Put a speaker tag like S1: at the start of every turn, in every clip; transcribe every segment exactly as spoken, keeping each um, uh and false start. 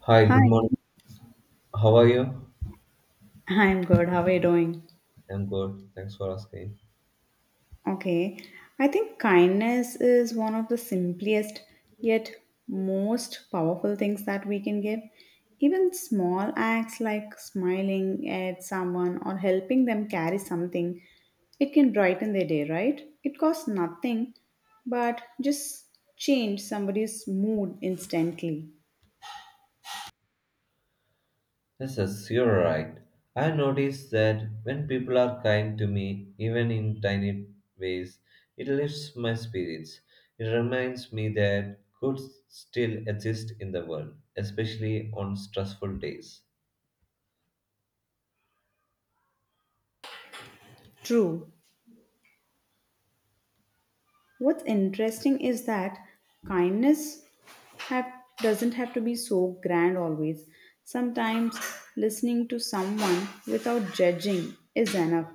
S1: Hi, good
S2: Hi,
S1: morning. How are you?
S2: I'm good. How are you doing?
S1: I'm good. Thanks for asking.
S2: Okay, I think kindness is one of the simplest yet most powerful things that we can give. Even small acts like smiling at someone or helping them carry something, it can brighten their day, right? It costs nothing, but just change somebody's mood instantly.
S1: Yes, yes, you're right. I noticed that when people are kind to me, even in tiny ways, it lifts my spirits. It reminds me that good still exist in the world, especially on stressful days.
S2: True. What's interesting is that kindness have doesn't have to be so grand always. Sometimes listening to someone without judging is enough.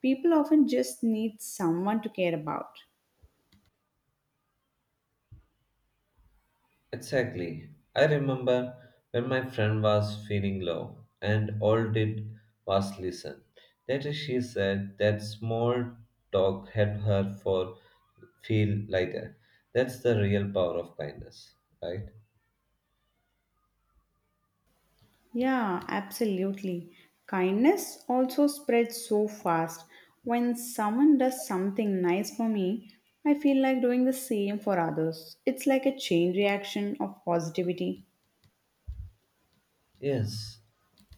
S2: People often just need someone to care about.
S1: Exactly. I remember when my friend was feeling low, and all did was listen. Later, she said that small talk helped her for feel lighter. That's the real power of kindness, right?
S2: Yeah, absolutely. Kindness also spreads so fast. When someone does something nice for me, I feel like doing the same for others. It's like a chain reaction of positivity.
S1: Yes,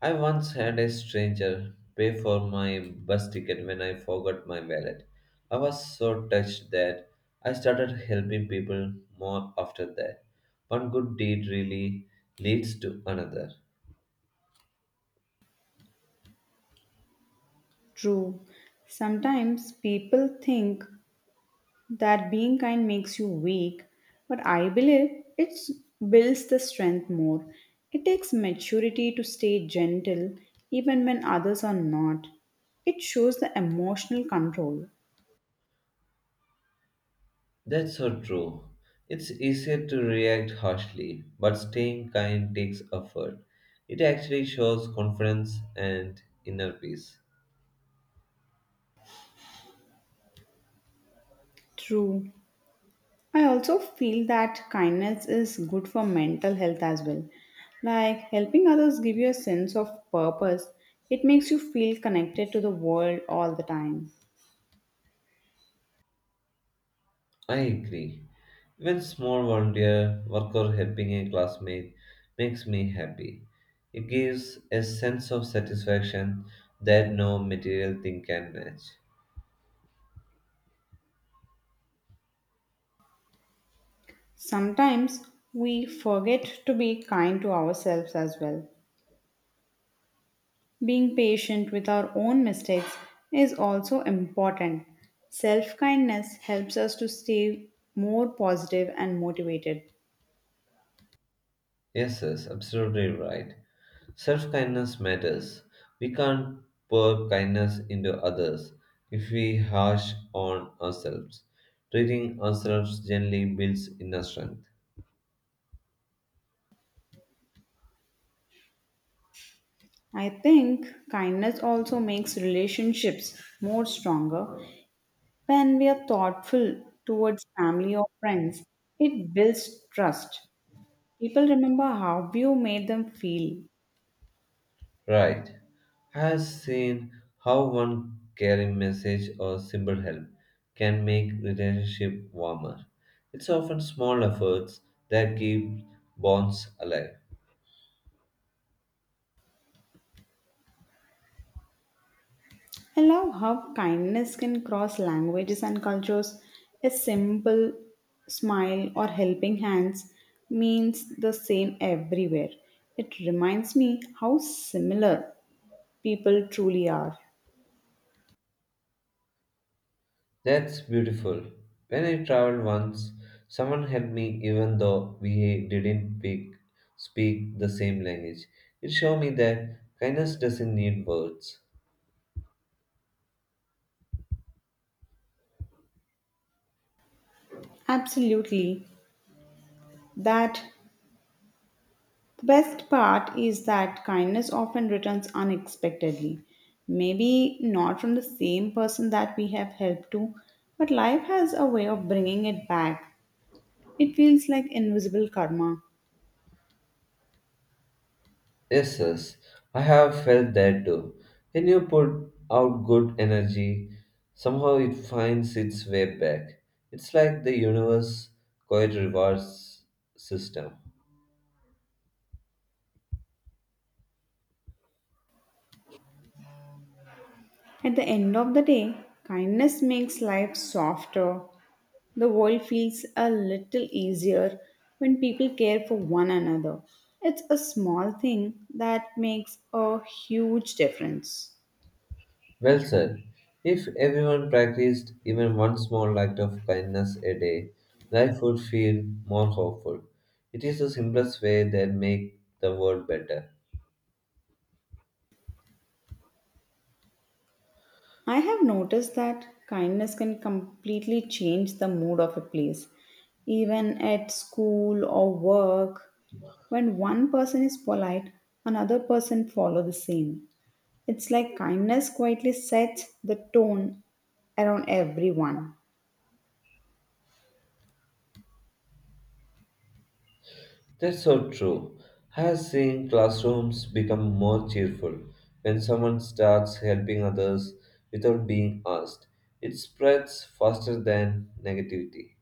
S1: I once had a stranger pay for my bus ticket when I forgot my wallet. I was so touched that I started helping people more after that. One good deed really leads to another.
S2: True. Sometimes people think that being kind makes you weak, but I believe it builds the strength more. It takes maturity to stay gentle even when others are not. It shows the emotional control.
S1: That's so true. It's easier to react harshly, but staying kind takes effort. It actually shows confidence and inner peace.
S2: True. I also feel that kindness is good for mental health as well. Like helping others give you a sense of purpose, it makes you feel connected to the world all the time.
S1: I agree. Even small volunteer work or helping a classmate makes me happy. It gives a sense of satisfaction that no material thing can match.
S2: Sometimes we forget to be kind to ourselves as well. Being patient with our own mistakes is also important. Self kindness helps us to stay more positive and motivated.
S1: Yes, yes, absolutely right. Self kindness matters. We can't pour kindness into others if we harsh on ourselves. Treating ourselves gently builds inner strength.
S2: I think kindness also makes relationships more stronger. When we are thoughtful towards family or friends, it builds trust. People remember how you made them feel.
S1: Right. I have seen how one caring message or simple help can make relationship warmer. It's often small efforts that keep bonds alive.
S2: I love how kindness can cross languages and cultures. A simple smile or helping hands means the same everywhere. It reminds me how similar people truly are.
S1: That's beautiful. When I traveled once, someone helped me even though we didn't pick, speak the same language. It showed me that kindness doesn't need words.
S2: Absolutely. That the best part is that kindness often returns unexpectedly. Maybe not from the same person that we have helped to, but life has a way of bringing it back. It feels like invisible karma.
S1: Yes, yes, I have felt that too. When you put out good energy, somehow it finds its way back. It's like the universe quite rewards system.
S2: At the end of the day, kindness makes life softer. The world feels a little easier when people care for one another. It's a small thing that makes a huge difference.
S1: Well said. If everyone practiced even one small act of kindness a day, life would feel more hopeful. It is the simplest way that make the world better.
S2: I have noticed that kindness can completely change the mood of a place. Even at school or work, when one person is polite, another person follow the same. It's like kindness quietly sets the tone around everyone.
S1: That's so true. Has seen classrooms become more cheerful when someone starts helping others without being asked. It spreads faster than negativity.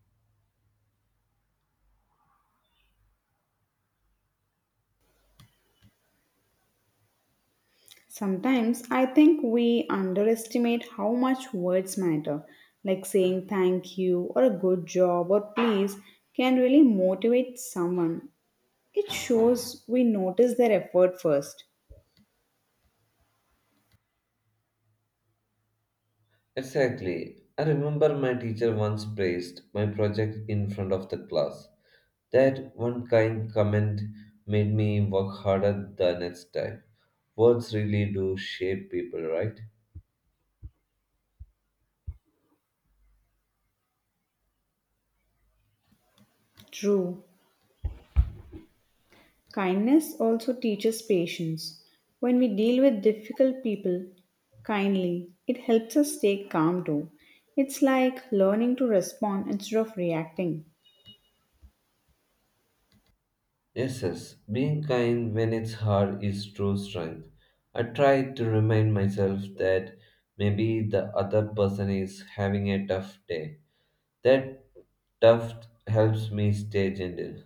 S2: Sometimes I think we underestimate how much words matter, like saying thank you or a good job or please can really motivate someone. It shows we notice their effort first.
S1: Exactly. I remember my teacher once praised my project in front of the class. That one kind comment made me work harder the next time. Words really do shape people, right?
S2: True. Kindness also teaches patience. When we deal with difficult people kindly, it helps us stay calm too. It's like learning to respond instead of reacting.
S1: Yes, yes, being kind when it's hard is true strength. I try to remind myself that maybe the other person is having a tough day. That tough helps me stay gentle.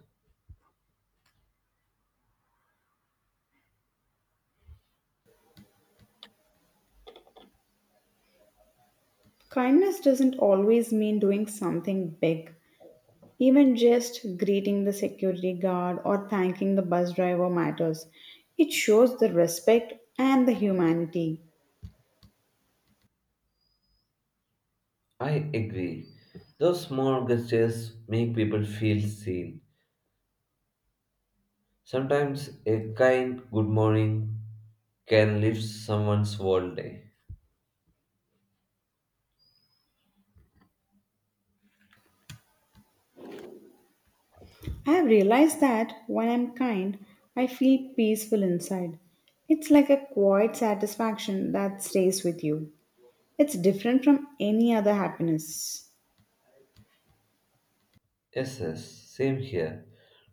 S2: Kindness doesn't always mean doing something big. Even just greeting the security guard or thanking the bus driver matters. It shows the respect and the humanity.
S1: I agree. Those small gestures make people feel seen. Sometimes a kind good morning can lift someone's whole day.
S2: I have realized that when I'm kind, I feel peaceful inside. It's like a quiet satisfaction that stays with you. It's different from any other happiness.
S1: Yes, yes, same here.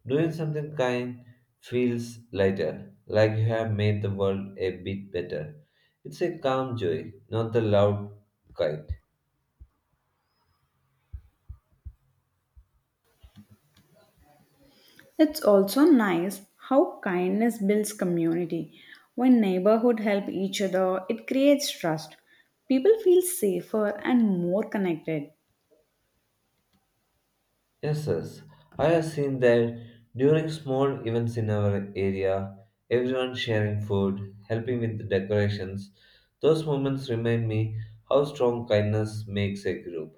S1: Doing something kind feels lighter, like you have made the world a bit better. It's a calm joy, not the loud kind.
S2: It's also nice how kindness builds community. When neighborhood help each other, it creates trust. People feel safer and more connected.
S1: Yes, yes, I have seen that during small events in our area, everyone sharing food, helping with the decorations. Those moments remind me how strong kindness makes a group.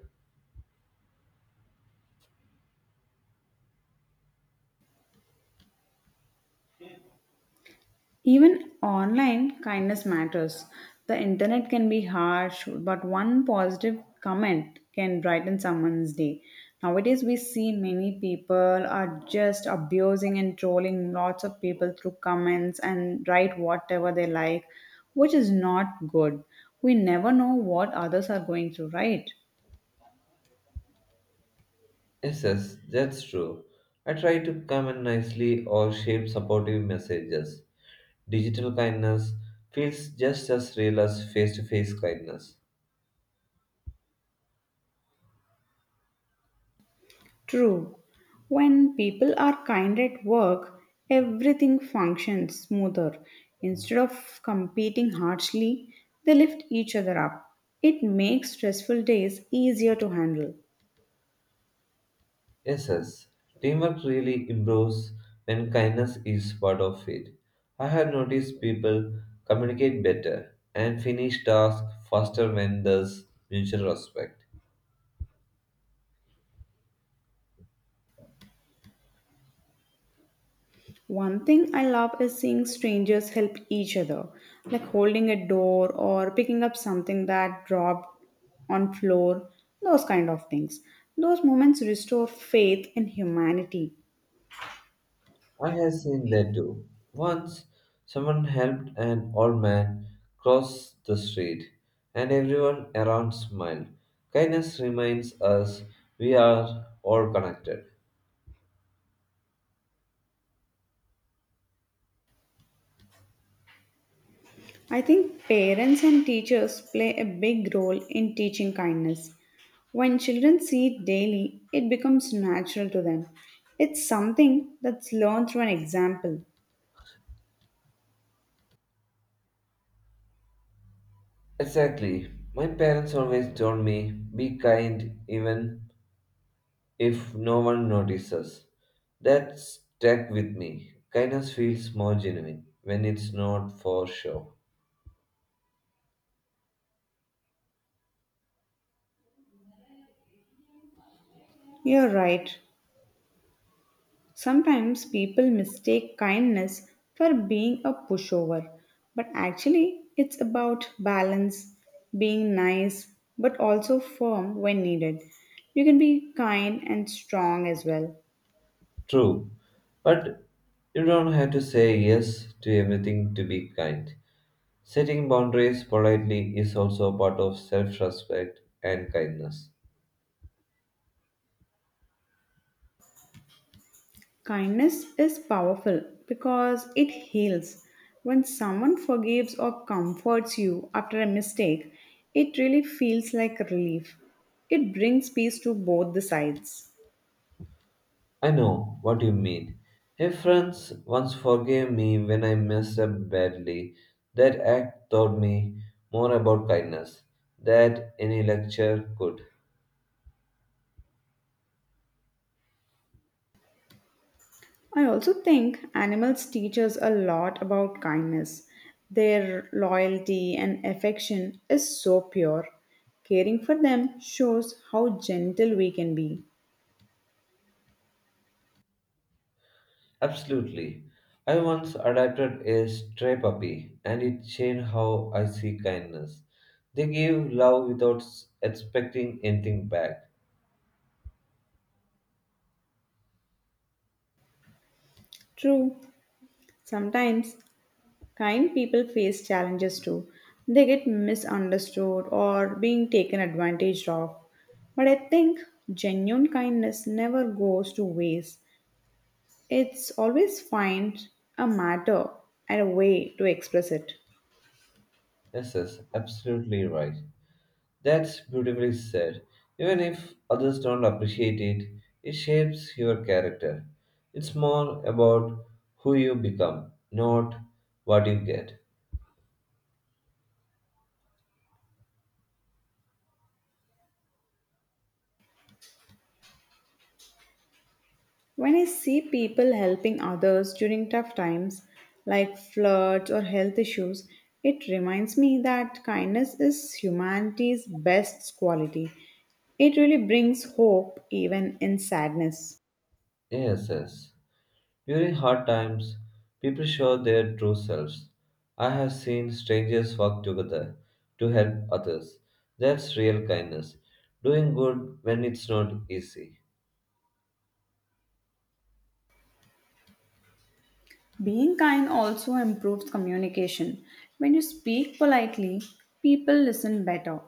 S2: Even online, kindness matters. The internet can be harsh, but one positive comment can brighten someone's day. Nowadays, we see many people are just abusing and trolling lots of people through comments and write whatever they like, which is not good. We never know what others are going through, right?
S1: Yes, yes, that's true. I try to comment nicely or shape supportive messages. Digital kindness feels just as real as face to face kindness.
S2: True. When people are kind at work, everything functions smoother. Instead of competing harshly, they lift each other up. It makes stressful days easier to handle.
S1: Yes, yes. Teamwork really improves when kindness is part of it. I have noticed people communicate better and finish tasks faster when there's mutual respect.
S2: One thing I love is seeing strangers help each other, like holding a door or picking up something that dropped on floor, those kind of things. Those moments restore faith in humanity.
S1: I have seen that too. Once, someone helped an old man cross the street, and everyone around smiled. Kindness reminds us we are all connected.
S2: I think parents and teachers play a big role in teaching kindness. When children see it daily, it becomes natural to them. It's something that's learned through an example.
S1: Exactly. My parents always told me, be kind even if no one notices. That stuck with me. Kindness feels more genuine when it's not for show.
S2: You're right. Sometimes people mistake kindness for being a pushover, but actually, it's about balance, being nice, but also firm when needed. You can be kind and strong as well.
S1: True. But you don't have to say yes to everything to be kind. Setting boundaries politely is also a part of self respect and kindness.
S2: Kindness is powerful because it heals. When someone forgives or comforts you after a mistake, it really feels like relief. It brings peace to both the sides.
S1: I know what you mean. A friend once forgave me when I messed up badly. That act taught me more about kindness than any lecture could.
S2: I also think animals teach us a lot about kindness. Their loyalty and affection is so pure. Caring for them shows how gentle we can be.
S1: Absolutely. I once adopted a stray puppy and it changed how I see kindness. They give love without s- expecting anything back.
S2: True, sometimes kind people face challenges too. They get misunderstood or being taken advantage of. But I think genuine kindness never goes to waste. It's always find a matter and a way to express it.
S1: Yes, yes, absolutely right. That's beautifully said. Even if others don't appreciate it, it shapes your character. It's more about who you become, not what you get.
S2: When I see people helping others during tough times, like floods or health issues, it reminds me that kindness is humanity's best quality. It really brings hope even in sadness.
S1: Yes, yes. During hard times, people show their true selves. I have seen strangers work together to help others. That's real kindness. Doing good when it's not easy.
S2: Being kind also improves communication. When you speak politely, people listen better.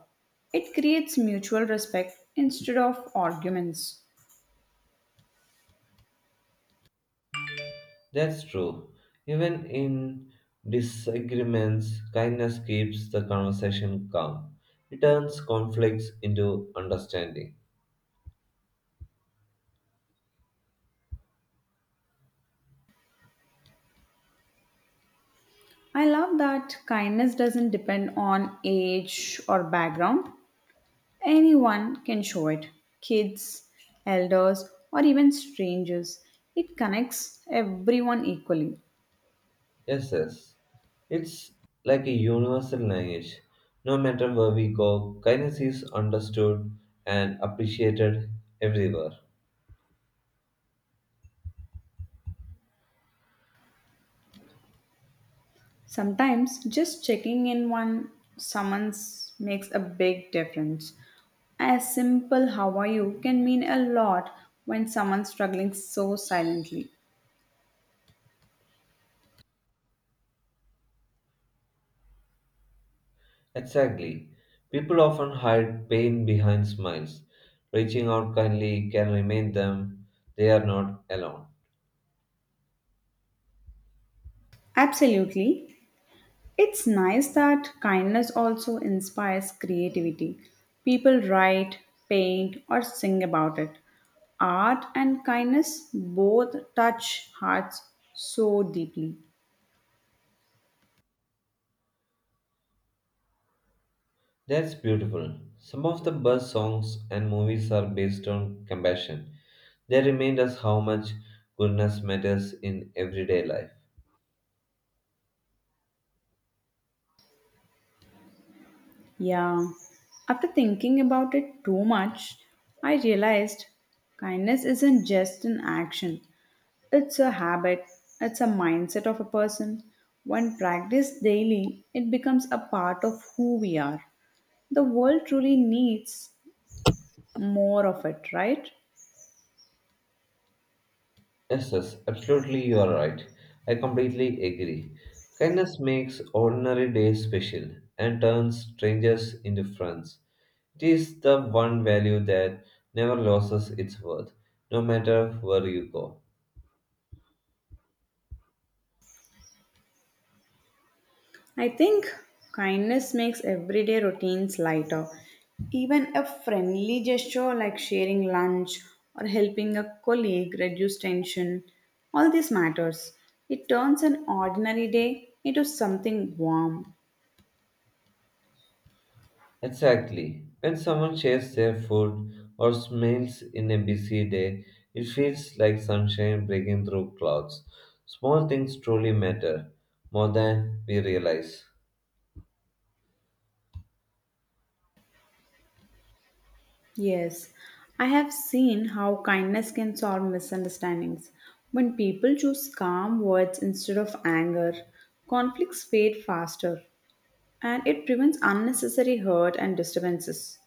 S2: It creates mutual respect instead of arguments.
S1: That's true. Even in disagreements, kindness keeps the conversation calm. It turns conflicts into understanding.
S2: I love that kindness doesn't depend on age or background. Anyone can show it, kids, elders, or even strangers. It connects everyone equally.
S1: Yes, yes. It's like a universal language. No matter where we go, kindness is understood and appreciated everywhere.
S2: Sometimes just checking in one summons makes a big difference. A simple how are you can mean a lot when someone's struggling so silently.
S1: Exactly. People often hide pain behind smiles. Reaching out kindly can remind them they are not alone.
S2: Absolutely. It's nice that kindness also inspires creativity. People write, paint, or sing about it. Art and kindness both touch hearts so deeply.
S1: That's beautiful. Some of the best songs and movies are based on compassion. They remind us how much goodness matters in everyday life.
S2: Yeah. After thinking about it too much, I realized kindness isn't just an action, it's a habit, it's a mindset of a person. When practiced daily, it becomes a part of who we are. The world truly needs more of it, right?
S1: Yes, yes, absolutely, you are right. I completely agree. Kindness makes ordinary days special and turns strangers into friends. It is the one value that never loses its worth, no matter where you go.
S2: I think kindness makes everyday routines lighter. Even a friendly gesture like sharing lunch or helping a colleague reduce tension, all this matters. It turns an ordinary day into something warm.
S1: Exactly. When someone shares their food or smiles in a busy day, it feels like sunshine breaking through clouds. Small things truly matter more than we realize.
S2: Yes, I have seen how kindness can solve misunderstandings. When people choose calm words instead of anger, conflicts fade faster and it prevents unnecessary hurt and disturbances.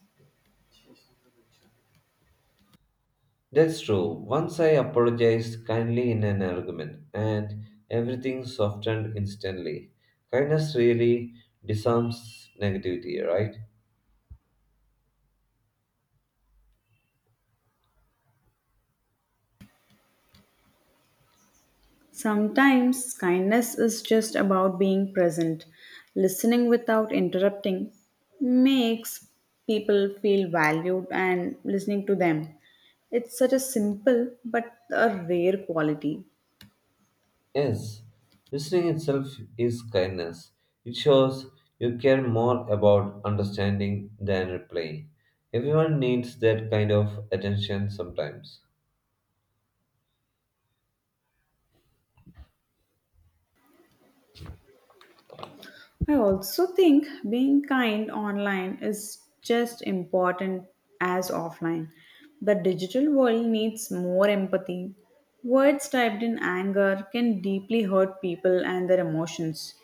S1: That's true. Once I apologized kindly in an argument, and everything softened instantly. Kindness really disarms negativity, right?
S2: Sometimes kindness is just about being present. Listening without interrupting makes people feel valued and listening to them. It's such a simple but a rare quality.
S1: Yes, listening itself is kindness. It shows you care more about understanding than replying. Everyone needs that kind of attention sometimes.
S2: I also think being kind online is just important as offline. The digital world needs more empathy. Words typed in anger can deeply hurt people and their emotions.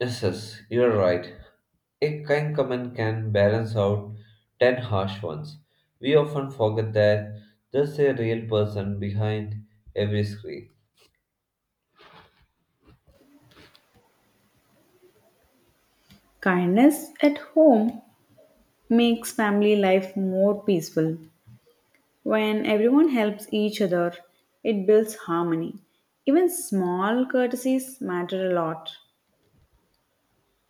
S1: Yes, yes, you're right. A kind comment can balance out ten harsh ones. We often forget that there's a real person behind every screen.
S2: Kindness at home makes family life more peaceful. When everyone helps each other, it builds harmony. Even small courtesies matter a lot.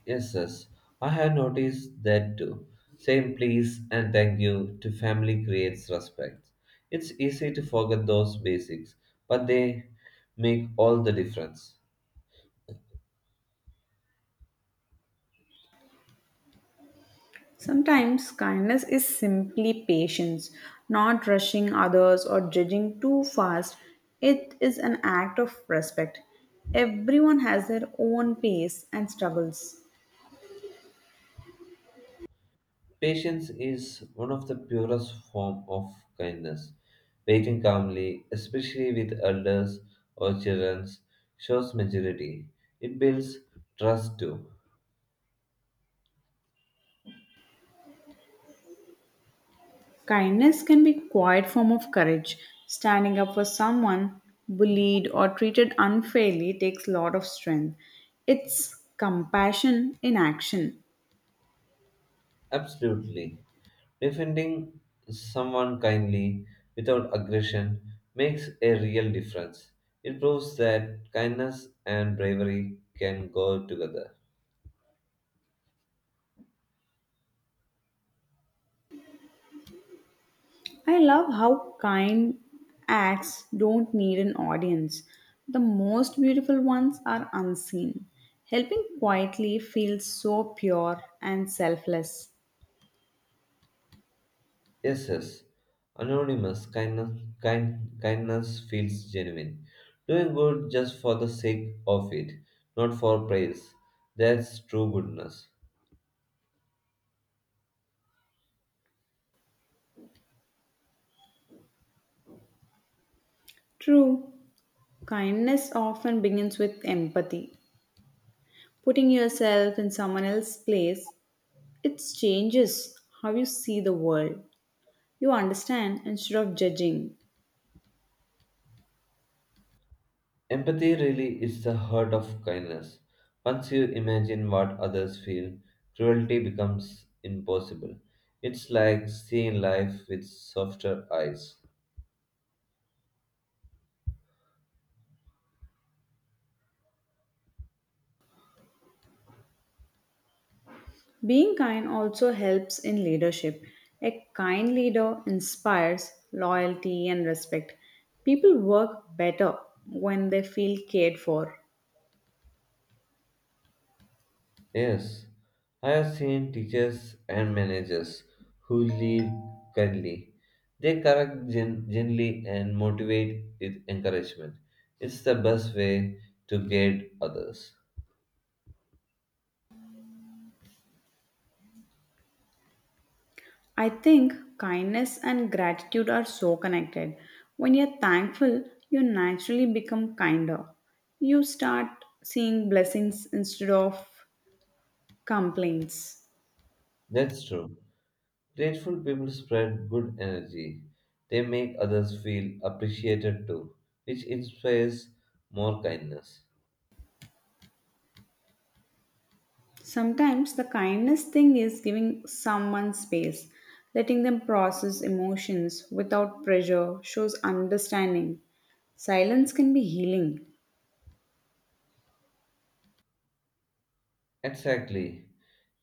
S1: Yes, yes. I have noticed that too. Saying please and thank you to family creates respect. It's easy to forget those basics, but they make all the difference.
S2: Sometimes kindness is simply patience, not rushing others or judging too fast. It is an act of respect. Everyone has their own pace and struggles.
S1: Patience is one of the purest form of kindness. Waiting calmly, especially with elders or children, shows maturity. It builds trust too.
S2: Kindness can be a quiet form of courage. Standing up for someone bullied or treated unfairly takes a lot of strength. It's compassion in action.
S1: Absolutely. Defending someone kindly without aggression makes a real difference. It proves that kindness and bravery can go together.
S2: I love how kind acts don't need an audience. The most beautiful ones are unseen. Helping quietly feels so pure and selfless.
S1: Yes, yes. Anonymous kindness, kind, kindness feels genuine. Doing good just for the sake of it, not for praise. That's true goodness.
S2: True, kindness often begins with empathy. Putting yourself in someone else's place, it changes how you see the world. You understand instead of judging.
S1: Empathy really is the heart of kindness. Once you imagine what others feel, cruelty becomes impossible. It's like seeing life with softer eyes.
S2: Being kind also helps in leadership. A kind leader inspires loyalty and respect. People work better when they feel cared for.
S1: Yes, I have seen teachers and managers who lead kindly. They correct gen- gently and motivate with encouragement. It's the best way to guide others.
S2: I think kindness and gratitude are so connected. When you're thankful, you naturally become kinder. You start seeing blessings instead of complaints.
S1: That's true. Grateful people spread good energy. They make others feel appreciated too, which inspires more kindness.
S2: Sometimes the kindest thing is giving someone space, letting them process emotions without pressure shows understanding. Silence can be healing.
S1: Exactly.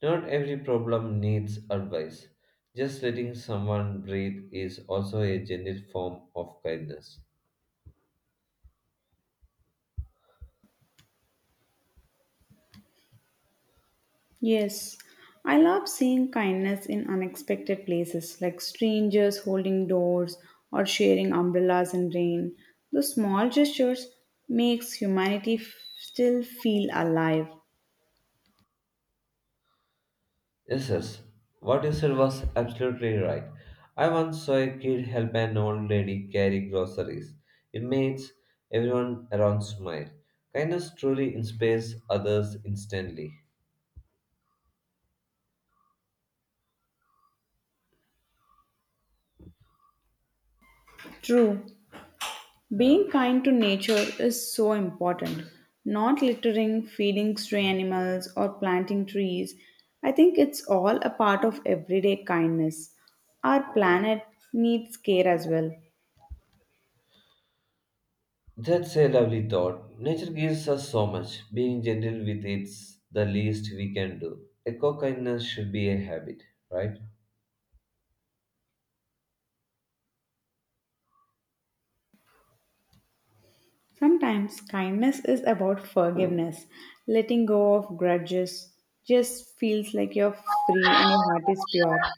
S1: Not every problem needs advice. Just letting someone breathe is also a gentle form of kindness.
S2: Yes, I love seeing kindness in unexpected places like strangers holding doors or sharing umbrellas in rain. Those small gestures makes humanity f- still feel alive.
S1: Yes, yes. What you said was absolutely right. I once saw a kid help an old lady carry groceries. It makes everyone around smile. Kindness truly inspires others instantly.
S2: True, being kind to nature is so important. Not littering, feeding stray animals, or planting trees. I think it's all a part of everyday kindness. Our planet needs care as well.
S1: That's a lovely thought. Nature gives us so much. Being gentle with it's the least we can do. Eco kindness should be a habit, right?
S2: Sometimes kindness is about forgiveness. Letting go of grudges just feels like you're free and your heart is pure.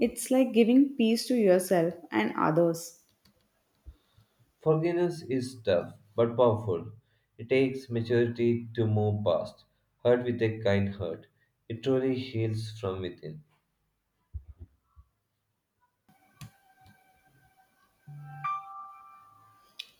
S2: It's like giving peace to yourself and others.
S1: Forgiveness is tough but powerful. It takes maturity to move past. Hurt with a kind heart. It truly heals from within.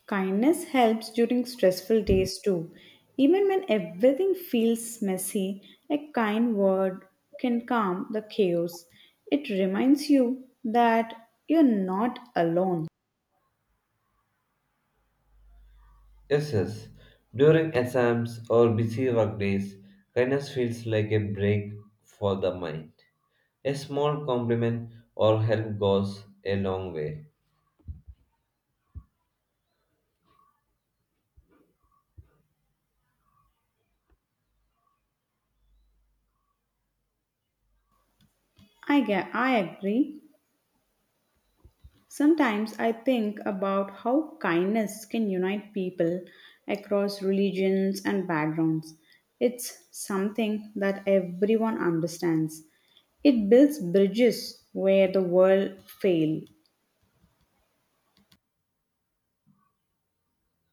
S2: Kindness helps during stressful days too. Even when everything feels messy, a kind word can calm the chaos. It reminds you that you're not alone.
S1: Yes, yes. During exams or busy work days, kindness feels like a break for the mind. A small compliment or help goes a long way.
S2: I get, I agree. Sometimes I think about how kindness can unite people across religions and backgrounds. It's something that everyone understands. It builds bridges where the world fail.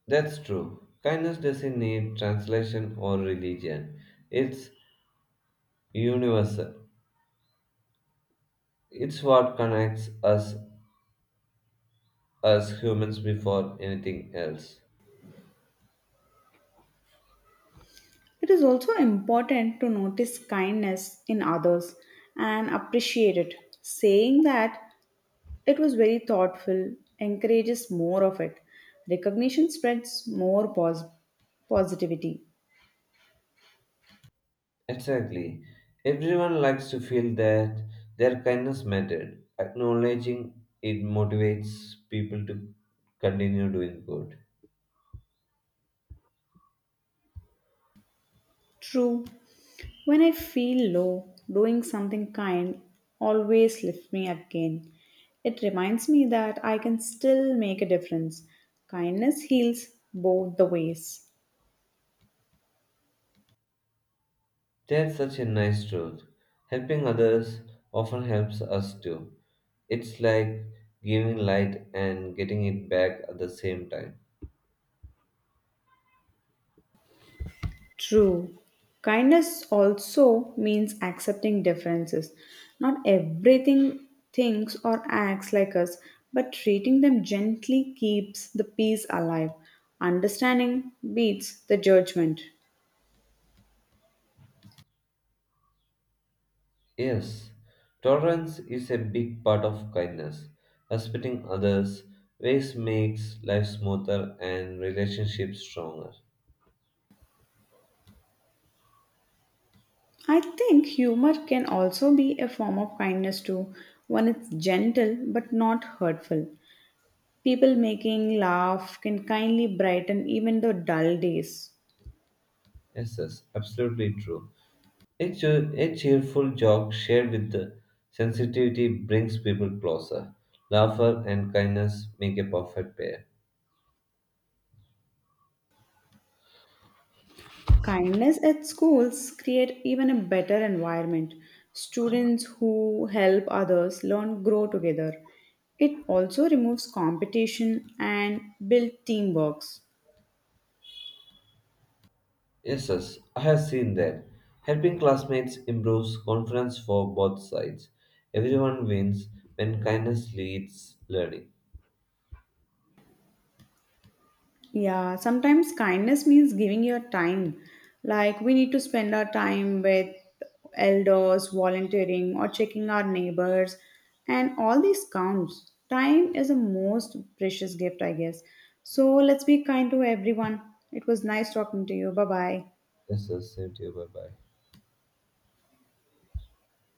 S1: That's true. Kindness doesn't need translation or religion. It's universal. It's what connects us as humans before anything else.
S2: It is also important to notice kindness in others and appreciate it. Saying that it was very thoughtful encourages more of it. Recognition spreads more pos- positivity.
S1: Exactly. Everyone likes to feel that their kindness mattered. Acknowledging it motivates people to continue doing good.
S2: True. When I feel low, doing something kind always lifts me again. It reminds me that I can still make a difference. Kindness heals both the ways.
S1: That's such a nice truth. Helping others often helps us too. It's like giving light and getting it back at the same time.
S2: True. Kindness also means accepting differences. Not everything thinks or acts like us, but treating them gently keeps the peace alive. Understanding beats the judgment.
S1: Yes, tolerance is a big part of kindness. Respecting others' ways makes life smoother and relationships stronger.
S2: I think humor can also be a form of kindness too, when it's gentle but not hurtful. People making laugh can kindly brighten even the dull days.
S1: Yes, yes, absolutely true. A, cheer- a cheerful joke shared with the sensitivity brings people closer. Laughter and kindness make a perfect pair.
S2: Kindness at schools create even a better environment. Students who help others learn grow together. It also removes competition and build teamwork.
S1: Yes, yes, I have seen that. Helping classmates improves confidence for both sides. Everyone wins when kindness leads learning.
S2: Yeah, sometimes kindness means giving your time. Like we need to spend our time with elders, volunteering, or checking our neighbors, and all these counts. Time is the most precious gift, I guess. So let's be kind to everyone. It was nice talking to you. Bye bye.
S1: Yes, yes, same to you. Bye bye.